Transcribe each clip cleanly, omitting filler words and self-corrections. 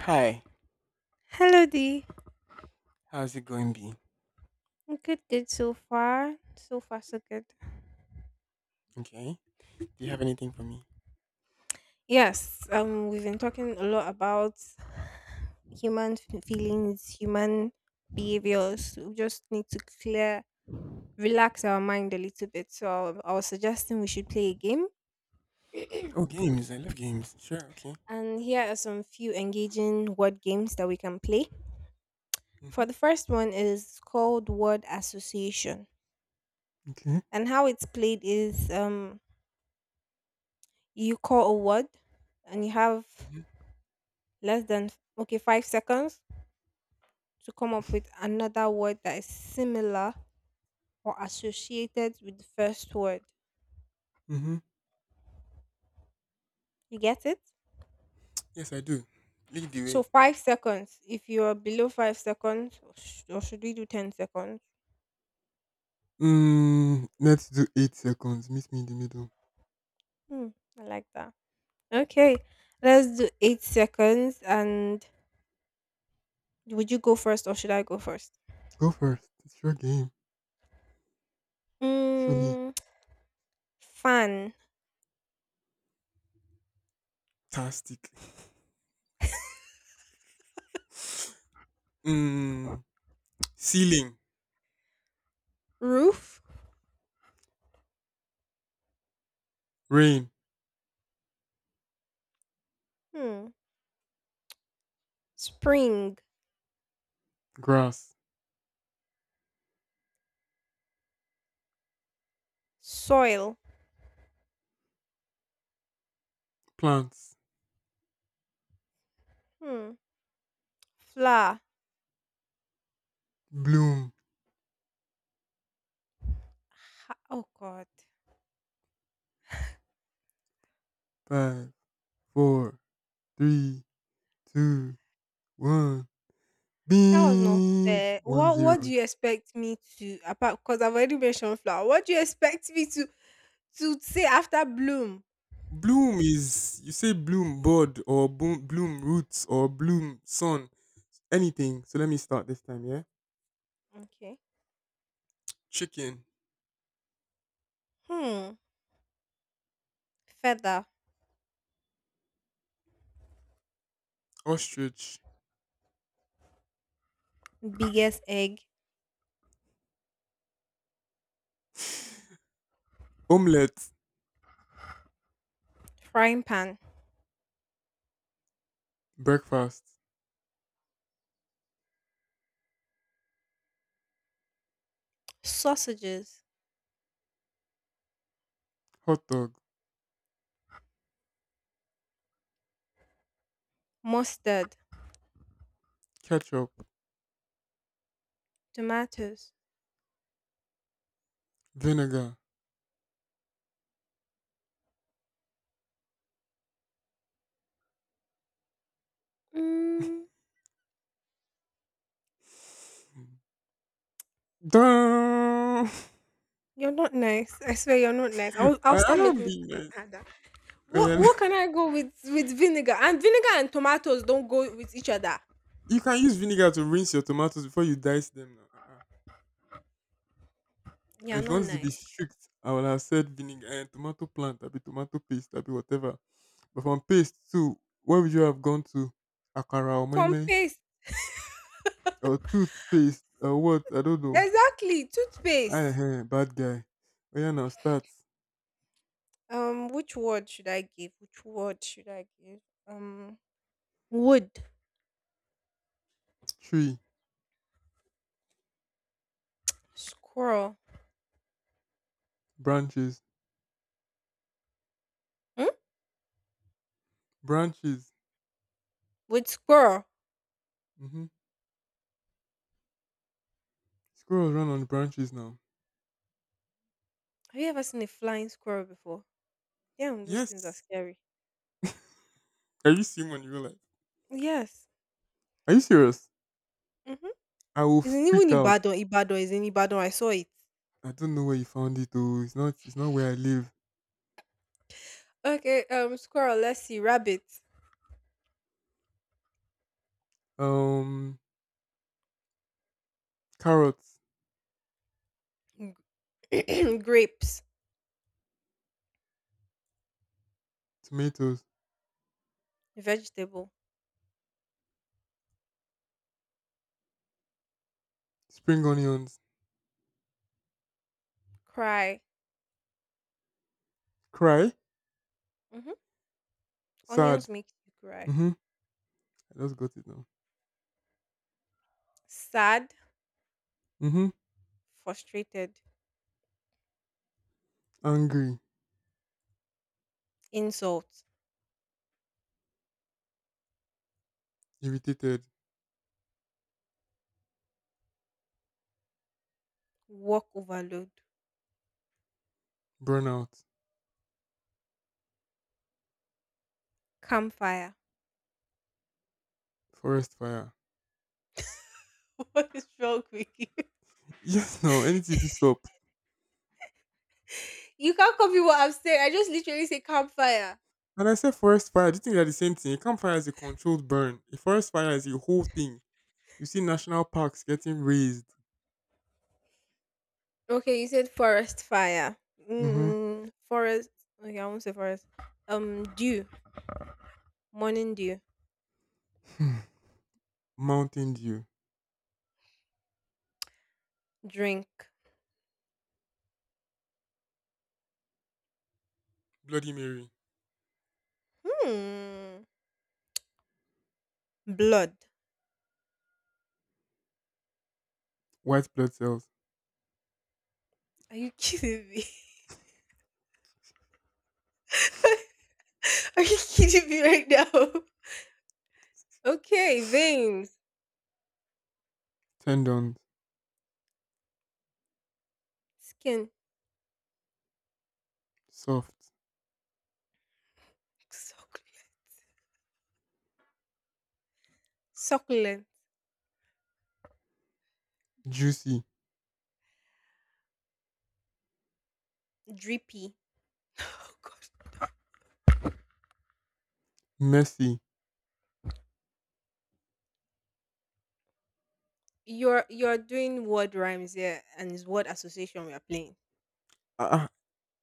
Hi, Hello, D. how's it going, B? Good, good so far. So far, so good. Okay. Do you have anything for me? Yes, we've been talking a lot about human feelings, human behaviors. We just need to clear, relax our mind a little bit. So I was suggesting we should play a game, Oh, games. I love games. Sure. Okay. and here are some few engaging word games that we can play. Mhm. For the first one is called word association, Okay. and how it's played is you call a word, and you have Mhm. less than, okay, 5 seconds to come up with another word that is similar or associated with the first word. Mhm. You get it? Yes, I do. Lead the So way. 5 seconds. If you are below 5 seconds, or should we do 10 seconds? Let's do 8 seconds. Meet me in the middle. hmm, I like that. Okay, let's do 8 seconds. And would you go first or should I go first? Go first. It's your game. Show me. mm, Fan. Fantastic. mm, ceiling. Roof. Rain. hmm, Spring. Grass. Soil. Plants. hmm, Flower. Bloom. Oh god. Five, four, three, two, one. That was not Bing. fair. One What do zero. you expect me to apart because I've already mentioned flower. What do you expect me to say after bloom? Bloom is you say bloom bud or boom, bloom roots or bloom sun anything. So let me start this time. Yeah, Okay. chicken, Hmm. Feather, ostrich, biggest egg, omelette, frying pan, breakfast, sausages, hot dog, mustard, ketchup, tomatoes. vinegar. Mm, Dun! you're not nice. I swear you're not nice. I'll I start don't making this be an nice. adder. Oh, What yeah. what can I go with vinegar? And vinegar and tomatoes don't go with each other. You can use vinegar to rinse your tomatoes before you dice them. Now. Uh-uh. You're If you not want to be nice. strict, I will have said vinegar and tomato plant, I'll be tomato paste, I'll be whatever. But from paste to where would you have gone to? Akara or From meme paste. or toothpaste or what? I don't know. Exactly. Toothpaste. Aye, bad guy. Oh yeah, now start Which word should I give? Which word should I give? Um, Wood. tree Squirrel. branches, Hmm? branches. Wood squirrel. Mm-hmm. Squirrels run on branches now. Have you ever seen a flying squirrel before? Yeah, those things are Yes. scary. Are you seeing one in real life? Yes. Are you serious? Mm-hmm. I will Isn't even freak out. Ibadan? Ibadan is in Ibadan. I saw it. I don't know where you found it though. It's not. It's not where I live. Okay. Squirrel. Let's see. Rabbit. Um, Carrots, Grapes. tomatoes, Vegetable. spring onions. Cry. Cry. Mm-hmm. Sad. Onions make you cry. Mm-hmm. I just got it now. Sad. Mm-hmm. Frustrated. Angry. Insult. Irritated, Work overload. burnout, Campfire. forest fire. What is wrong with you? Yes, no, anything this up. You can't copy what I'm saying. I just literally say campfire. And I said forest fire. Do you think they're the same thing? A campfire is a controlled burn. A forest fire is a whole thing. You see national parks getting razed. Okay, you said forest fire. Mm-hmm. Forest. Okay, I won't say forest. Dew. Morning dew. Mountain dew, Drink. Bloody Mary, Hmm. Blood. white blood cells, Are you kidding me? Are you kidding me right now? Okay, veins. tendons, Skin. soft, Succulent. Succulent. juicy, Drippy. Oh God. messy. You're doing word rhymes here, and it's word association we are playing. Ah, uh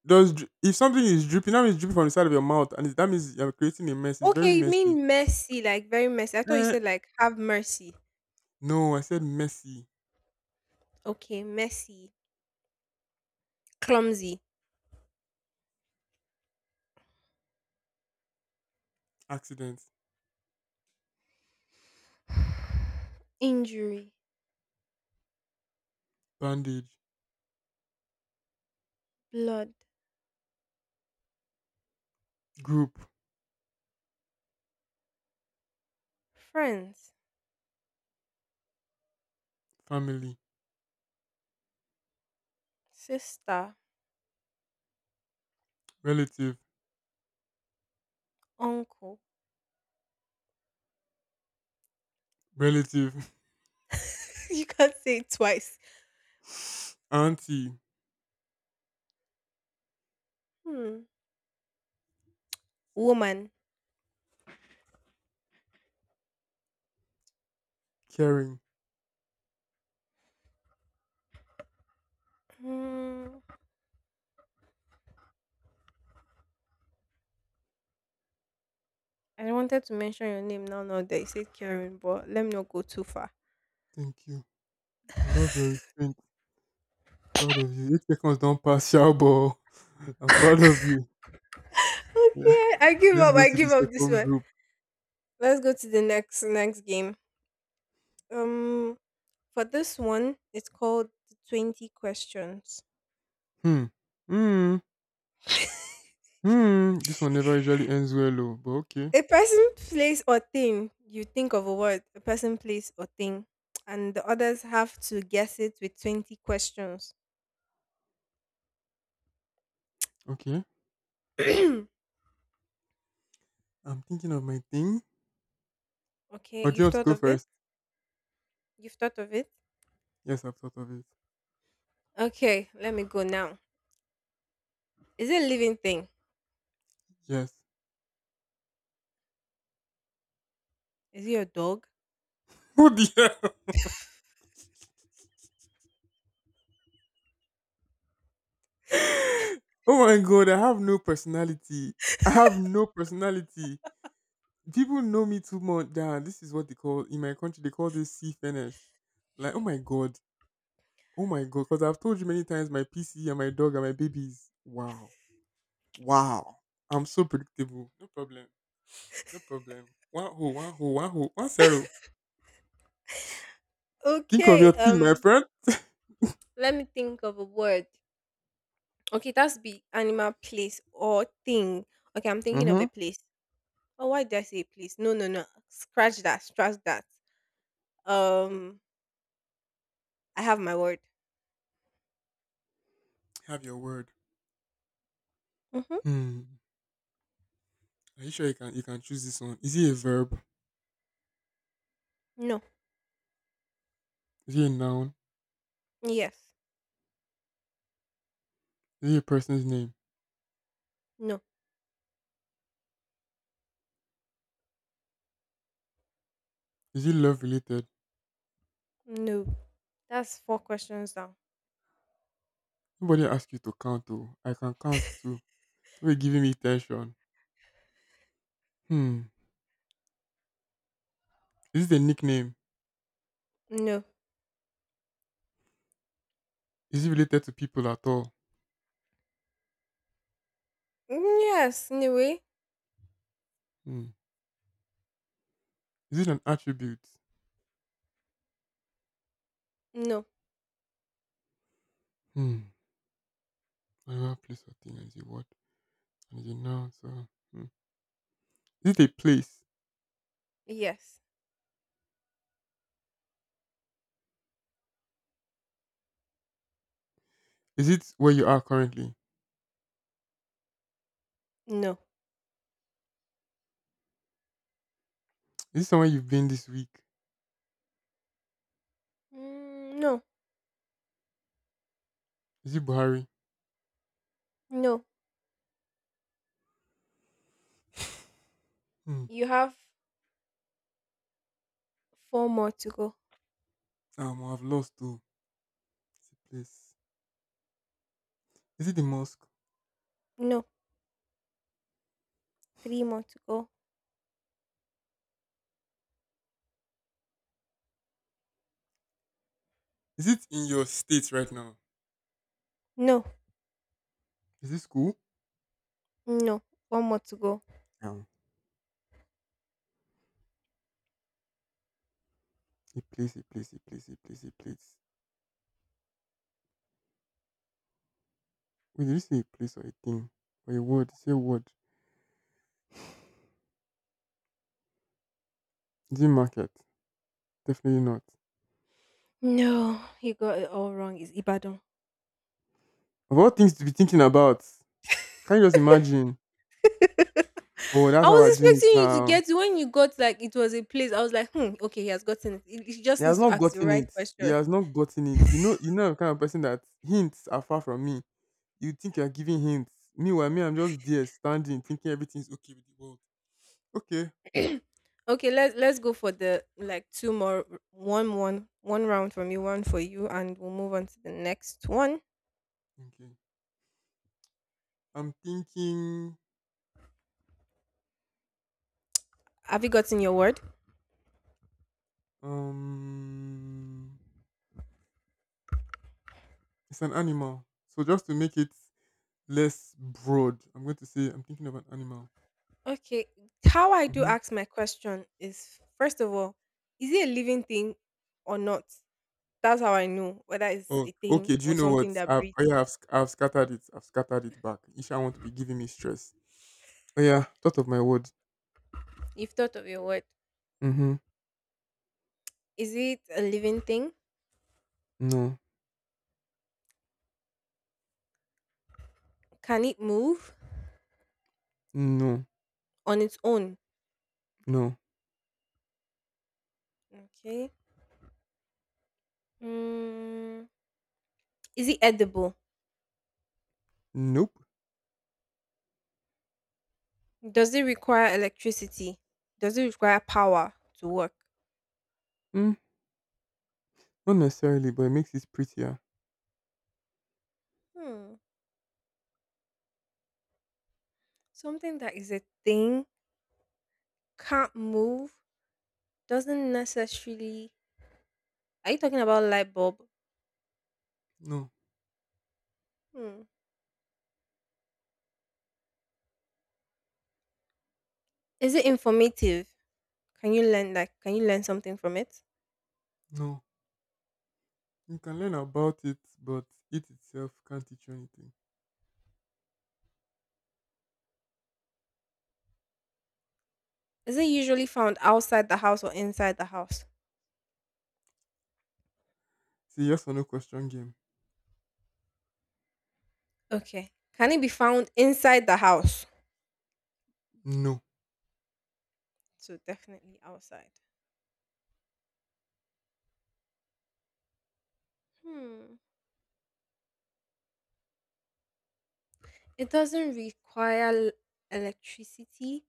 does if something is dripping, that means dripping from the side of your mouth, and that means you're creating a mess. It's very Okay, you messy. mean messy, like very messy. I thought you Eh, said like have mercy. no, I said messy. Okay, messy, clumsy, Accident, injury, bandage, blood, group. friends, Family, sister, relative, uncle. relative, you can't say it twice. auntie, Hmm. Woman. caring. Hmm. I wanted to mention your name now, now that you said Karen, but let me not go too far. Thank you. I love your restraint. Proud of you. 8 seconds don't pass, Shabo. I'm proud of you. Yeah. Okay, I give Let's up. go I to the give up this second one. group. Let's go to the next game. Um, for this one, it's called the 20 questions. Hmm. Hmm. Hmm. This one never usually ends well, though. But okay. A person, place, or thing. You think of a word, a person, place, or thing, and the others have to guess it with 20 questions. Okay. okay, I'm thinking of my thing. Or do you've you want to thought go of it? first? You've thought of it? Yes, I've thought of it. Okay, let me go now. Is it a living thing? Yes. Is it your dog? Oh dear. Oh my god, I have no personality. I have no personality. People know me too much that this is what they call in my country, they call this sea finish. Like, oh my god, because I've told you many times my PC and my dog and my babies. Wow, wow, I'm so predictable. No problem, no problem. One ho, one ho, one ho, 10. Think of your Okay, team, my friend. let me think of a word. Okay, that's be animal, place, or thing. Okay, I'm thinking of Mm-hmm. a place. Oh, why did I say place? No, no, no. Scratch that. Scratch that. Um, I have my word. Have your word. Mm-hmm. Hmm. Are you sure you can choose this one? Is it a verb? No. Is it a noun? Yes. Is it a person's name? No, Is it love related? no. That's four questions down. Nobody asked you to count. Oh, I can count too. We're giving me tension. Hmm. Is it a nickname? No. Is it related to people at all? Mm, yes. Anyway, Hmm. Is it an attribute? no. Hmm. Whatever place or thing is a word and is a noun. So, hmm. Is it a place? Yes. Is it where you are currently? No. Is it somewhere you've been this week? Mm, no. Is it Buhari? No. Hmm. You have four more to go. I've lost two. It's a place. Is it the mosque? No. Three more to go. Is it in your state right now? No. Is it school? No. One more to go. Um, a place, a place, a place, a place, a place. Wait, did you say a place or a thing or a word? Say a word. Is it market? Definitely not. No. You got it all wrong. It's Ibadan. Of all things to be thinking about, can you just imagine? Oh, that's I how we're was doing it expecting you to now. get it when you got like it was a place. I was like, hmm, okay, he has gotten it. He He just has needs to not ask the gotten right it. He question. has not gotten it. You know, I'm the kind of person that hints are far from me. You think you're giving hints. Meanwhile, me, I'm just there standing, thinking everything's okay with the world. Okay. okay, let's go for the like two more one round from you, one for you, and we'll move on to the next one. Okay. I'm thinking Have you gotten your word? um it's an animal. So just to make it less broad, I'm going to say I'm thinking of an animal. Okay. How I do Mm-hmm. ask my question is first of all, is it a living thing or not? That's how I know whether it's Oh, a thing okay. Do you or know what? something that I've, breathes. oh yeah, I've, sc- I've scattered it. I've scattered it back. Isha want to be giving me stress. Oh yeah, thought of my word. You've thought of your word. Mm-hmm. Is it a living thing? No, Can it move no, on its own? no, Okay. Mm, is it edible? nope. Does it require electricity? Does it require power to work? Mm, Not necessarily, but it makes it prettier. Hmm. Something that is a thing, can't move, doesn't necessarily. Are you talking about light bulb? No, Hmm. Is it informative? Can you learn like can you learn something from it? no. You can learn about it, but it itself can't teach you anything. Is it usually found outside the house or inside the house? It's a yes or no question game. Okay. Can it be found inside the house? No. So definitely outside. Hmm. It doesn't require electricity,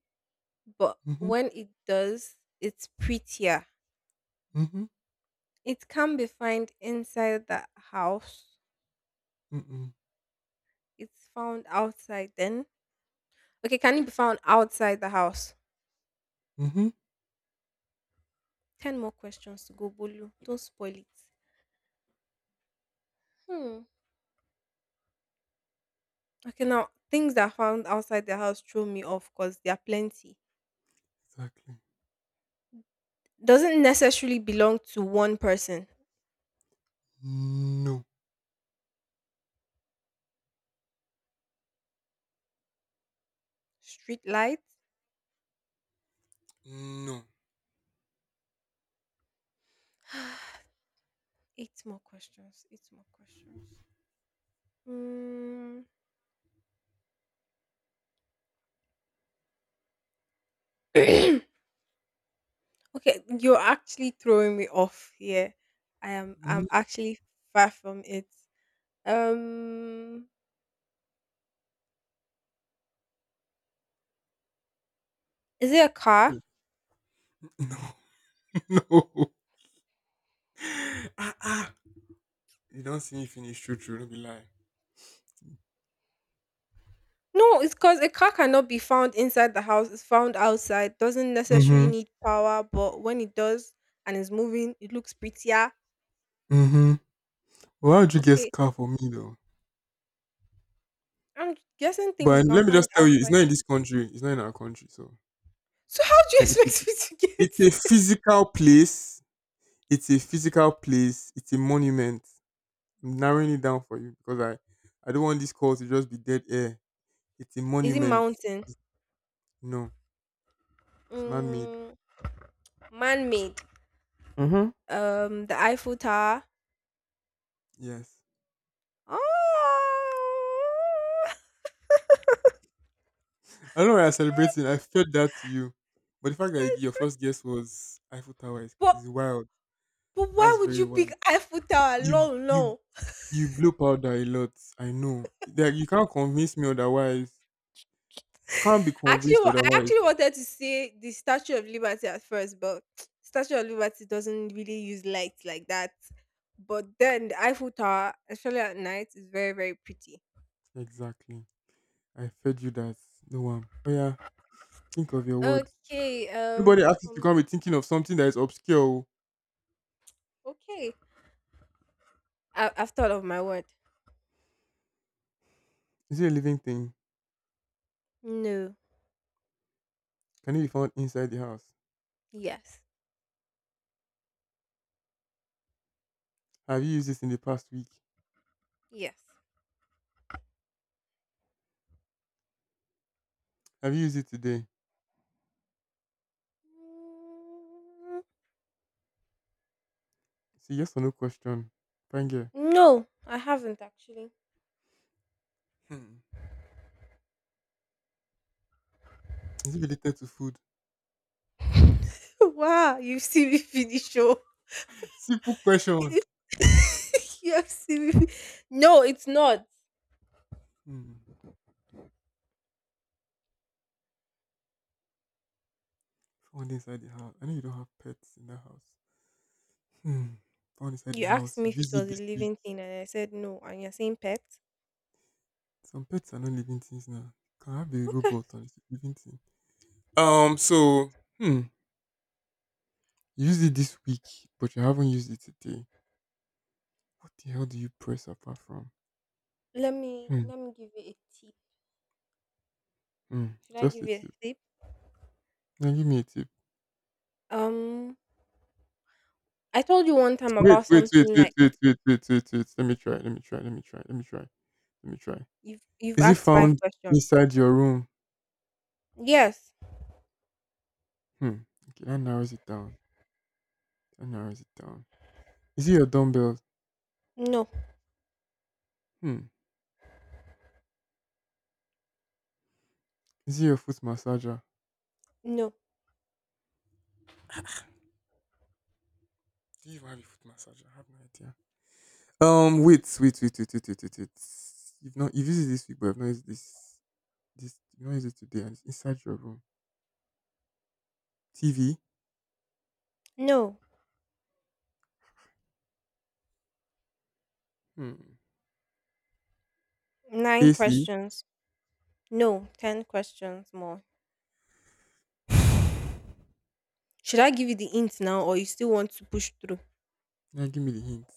but Mm-hmm. when it does, it's prettier. Mm-hmm. It can be found inside the house. Mm-mm. It's found outside then. Okay, can it be found outside the house? Mm-hmm. 10 more questions to go, Bolu. Don't spoil it. Hmm. Okay, now things that are found outside the house throw me off because there are plenty. Exactly. Doesn't necessarily belong to one person. No. Street light? No. Eight more questions. Eight more questions. Mm. Okay, you're actually throwing me off here. I am Mm-hmm. I'm actually far from it. Um is it a car? No. No. Ah, ah. You don't see me finish true true, don't be lying. No, it's because a car cannot be found inside the house. It's found outside. Doesn't necessarily Mm-hmm. need power, but when it does and is moving, it looks prettier. Mm-hmm. Well, how would you get Okay. car for me though? I'm guessing things you But can let me find just tell you, it's outside. not in this country. It's not in our country. So So how do you like, expect me to it's get a it? physical place. It's a physical place. It's a monument. I'm narrowing it down for you because I don't want this call to just be dead air. It's a Is it monument. mountain? It's, no, it's man-made. Mm, man-made. Mhm. The Eiffel Tower. Yes. Oh. I don't know why I'm celebrating. I felt that to you. But the fact that your first guess was Eiffel Tower But is wild. but why That's would very you pick wild. Eiffel Tower You alone? you No. you blow powder a lot. I know. Like you can't convince me otherwise. Can't be I actually convinced I otherwise. actually wanted to say the Statue of Liberty at first, but Statue of Liberty doesn't really use lights like that. But then the Eiffel Tower, especially at night, is very very pretty. Exactly. I fed you that. No one. Oh yeah. Think of your words. Okay. Nobody asked you to come be thinking of something that is obscure. Oh. Okay. I've thought of my word. Is it a living thing? No. Can it be found inside the house? Yes. Have you used this in the past week? Yes. Have you used it today? Mm, See yes or no question. Thank you. no, I haven't actually. Hmm. Is it related to food? Wow, you see me finish. Oh. Simple question. you asked me. No, it's not. Hmm. Found inside the house. I know you don't have pets in the house. Hmm. Found inside You the asked house. me if it Use it was a this week. living thing, and I said no. And you're saying pet? Some pets are not living things now. You can have a Okay. robot and it's a living thing. So, hmm. Use it this week, but you haven't used it today. What the hell do you press apart from? Let me Hmm. let me give you a tip. Hmm. Should I Just give a you a tip. tip? Now give me a tip. Um, I told you one time Wait, about wait, wait, something wait, like wait, wait, wait, wait, wait. Let me try. Let me try. Let me try. Let me try. Let me try. you've Is it asked five found questions. inside your room? Yes. Hmm. Okay, that narrows it down. That narrows it down. Is it your dumbbell? No. Hmm. Is it your foot massager? No. Do you have a foot massager? I have no idea. Wait, wait, wait, wait, wait, wait, wait. Wait. You've not you've used it this week, but I've not used this this you've not used it today and it's inside your room. TV, No. hmm. Nine AC. questions. No. 10 questions more. Should I give you the hint now, or you still want to push through? Now give me the hint.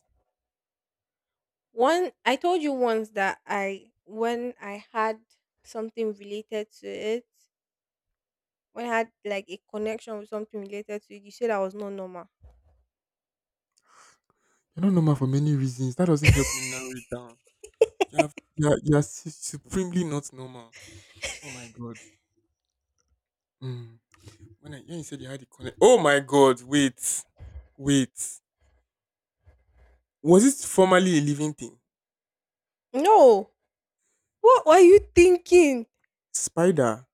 One, I told you once that I, when I had something related to it, when I had like a connection with something related to it, you said I was not normal. You're not normal for many reasons. That doesn't help me narrow it down. You have you are su- supremely not normal. Oh my god. Hmm. When I when you said you had the connect. Oh my god. Wait. Was it formerly a living thing? No, what were you thinking? Spider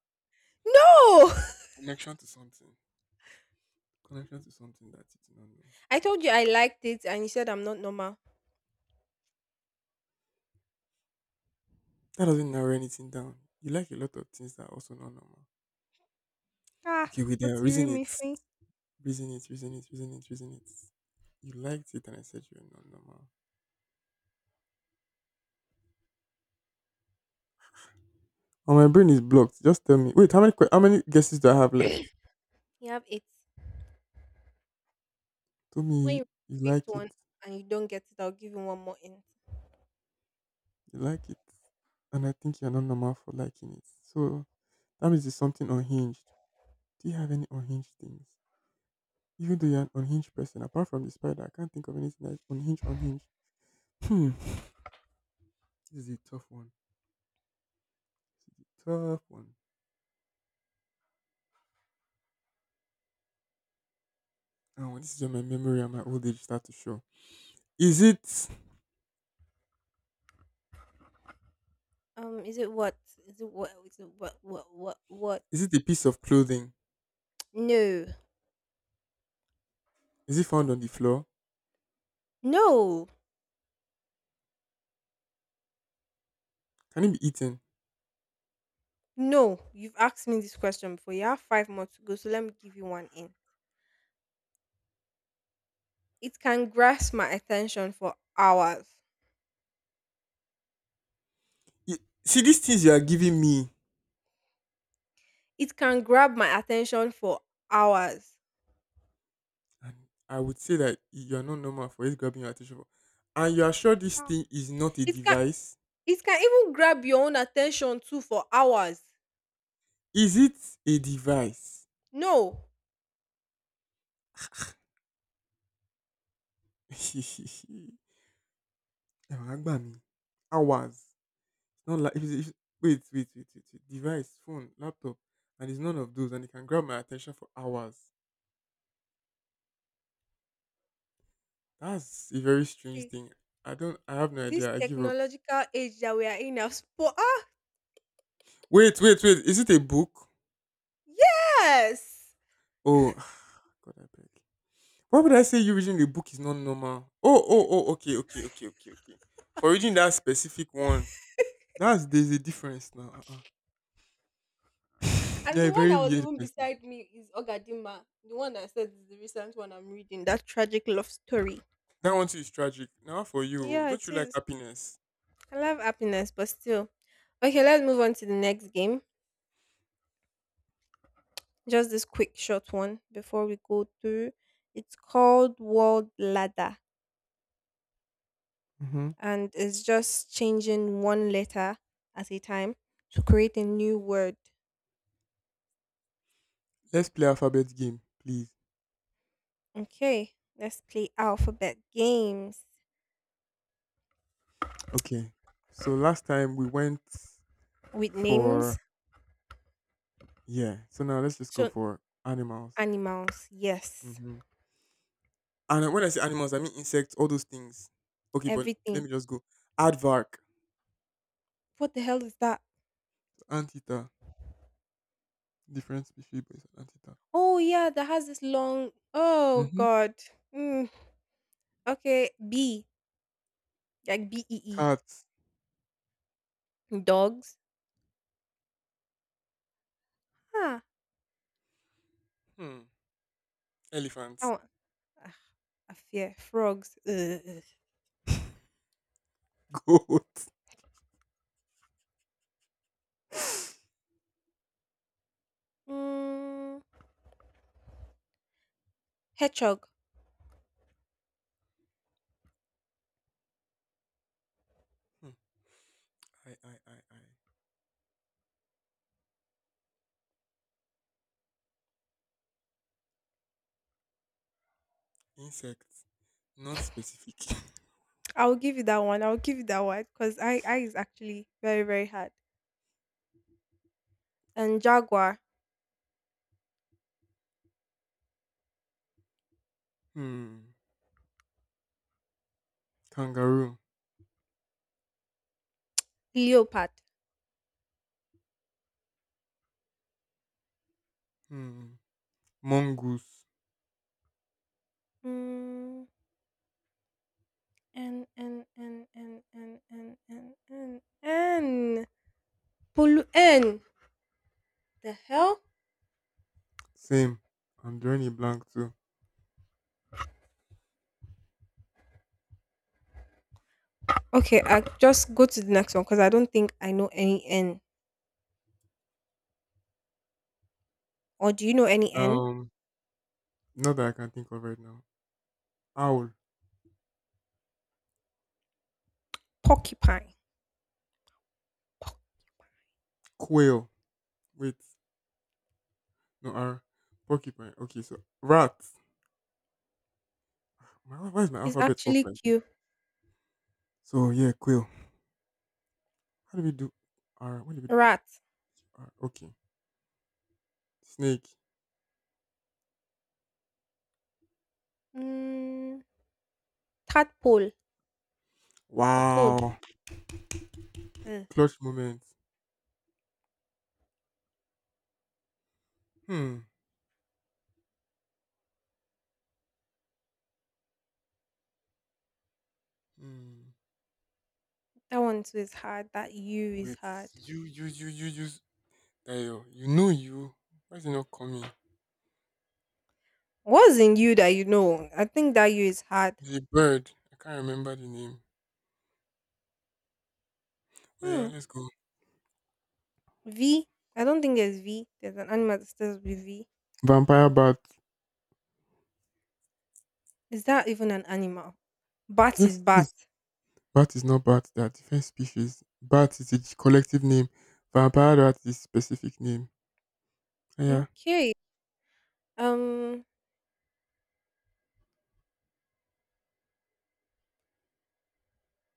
No, connection to something. Connection to something that you do not know. I told you I liked it, and you said I'm not normal. That doesn't narrow anything down. You like a lot of things that are also not normal. Ah, Okay, wait there. what's you Reason read me it. free? Reason it. You liked it and I said you're not normal. Oh, my brain is blocked. Just tell me. Wait, how many guesses do I have left? You have eight. Tell When me you read you the fifth like it. one and you don't get it, I'll give you one more hint. You like it. And I think you're not normal for liking it. So that means it's something unhinged. Do you have any unhinged things? Even though you're an unhinged person, apart from the spider, I can't think of anything that's unhinged, unhinged. Hmm. This is a tough one. Tough one. Oh, this is where my memory and my old age start to show. Is it Is it what? Is it what? Is it what? What? What? What? is it a piece of clothing? No, Is it found on the floor? no. Can it be eaten? No, you've asked me this question before. You have five more to go, so let me give you one in. It can grasp my attention for hours. Y- See these things you are giving me, It can grab my attention for hours. and I would say that you are not normal for it grabbing your attention. For. And you are sure this Ah. thing is not a It can device? it can even grab your own attention too for hours. Is it a device? No. Eh, wah, gba mi. Hours. It's not like if it's, if, wait, wait, wait, wait, wait. Device, phone, laptop, and it's none of those, and it can grab my attention for hours. That's a very strange See, thing. I don't. I have no this idea. I give up. technological age that we are in has ah, Wait, wait, wait. Is it a book? yes. Oh, God, I beg. Why would I say you reading the book is not normal? Oh. Okay, For reading that specific one, that's there's a difference now. Uh-uh. And You're a the one very that was weird even person. beside me is Ogadima. The one that I said is the recent one I'm reading. That tragic love story. That one too is tragic. Now for you, Yeah, don't it you like is. happiness? I love happiness, but still. Okay, let's move on to the next game. Just this quick short one before we go through. It's called World Ladder Mm-hmm. and it's just changing one letter at a time to create a new word. Let's play alphabet game, please. Okay, let's play alphabet games Okay. So last time we went with names. for yeah. So now let's just go So for animals. animals, yes. Mhm. And when I say animals, I mean insects, all those things. Okay, but let Everything. me just go. Aardvark, What the hell is that? anteater, different species, but it's an anteater. Oh yeah, that has this long oh Mm-hmm. god. Mm, okay, B like bee. Cats, Dogs? Ah, hmm. that Elephants, one. Ah, I fear frogs. Ugh. goat. Mm, hedgehog. Hmm. I. Insects, not specific. I will give you that one. I will give you that one because I is actually very very hard. And jaguar, hmm. Kangaroo, leopard. hmm. mongoose. Mm, and and N. The hell? Same. I'm drawing a blank too. Okay, I just go to the next one because I don't think I know any N. Or do you know any N? Um, Not that I can think of right now. Owl, Porcupine. quail. Wait, no R. Porcupine. Okay, so rat. My, why is my It's alphabet off actually like this? cute. So yeah, quail. How do we do R? What do we do? Rat. R. Okay. Snake. Mm, 3rd pole or toad. Wow. Mm, Clutch moment. Hmm. Hmm. that one too is hard. That U is Wait. hard. You. Dayo. You know you. Why is it not coming? What's in U that you know? I think that U is hard. The bird. I can't remember the name. Oh yeah, Hmm. let's go. V. I don't think there's V. There's an animal that starts with V. Vampire bat. Is that even an animal? Bat is Yes, bat. yes. Bat is not bat. They are different species. Bat is a collective name. Vampire rat is specific name. Yeah. Okay. Um.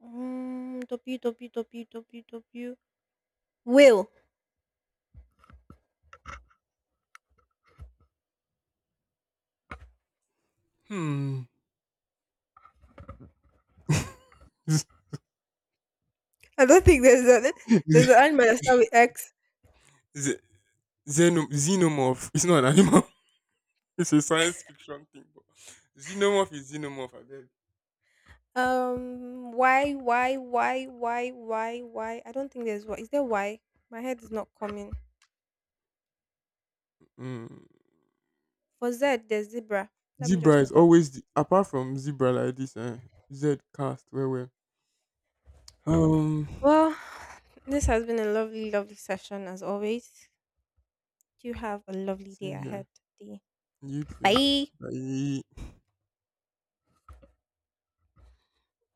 W W W W W. Whale. Hmm. Z- I don't think there's an z- animal that starts with X. z- Xenomorph. It's not an animal. It's a science fiction thing. But xenomorph is xenomorph. I beg. Why, why? I don't think there's why. Is there why? My head is not coming. Mm. For Z, there's zebra. Let me Zebra just is come. always the, apart from zebra like this. Eh, Z cast where where. Um. Well, this has been a lovely, lovely session as always. You have a lovely day Same here. ahead. Day. You too. Bye. Bye.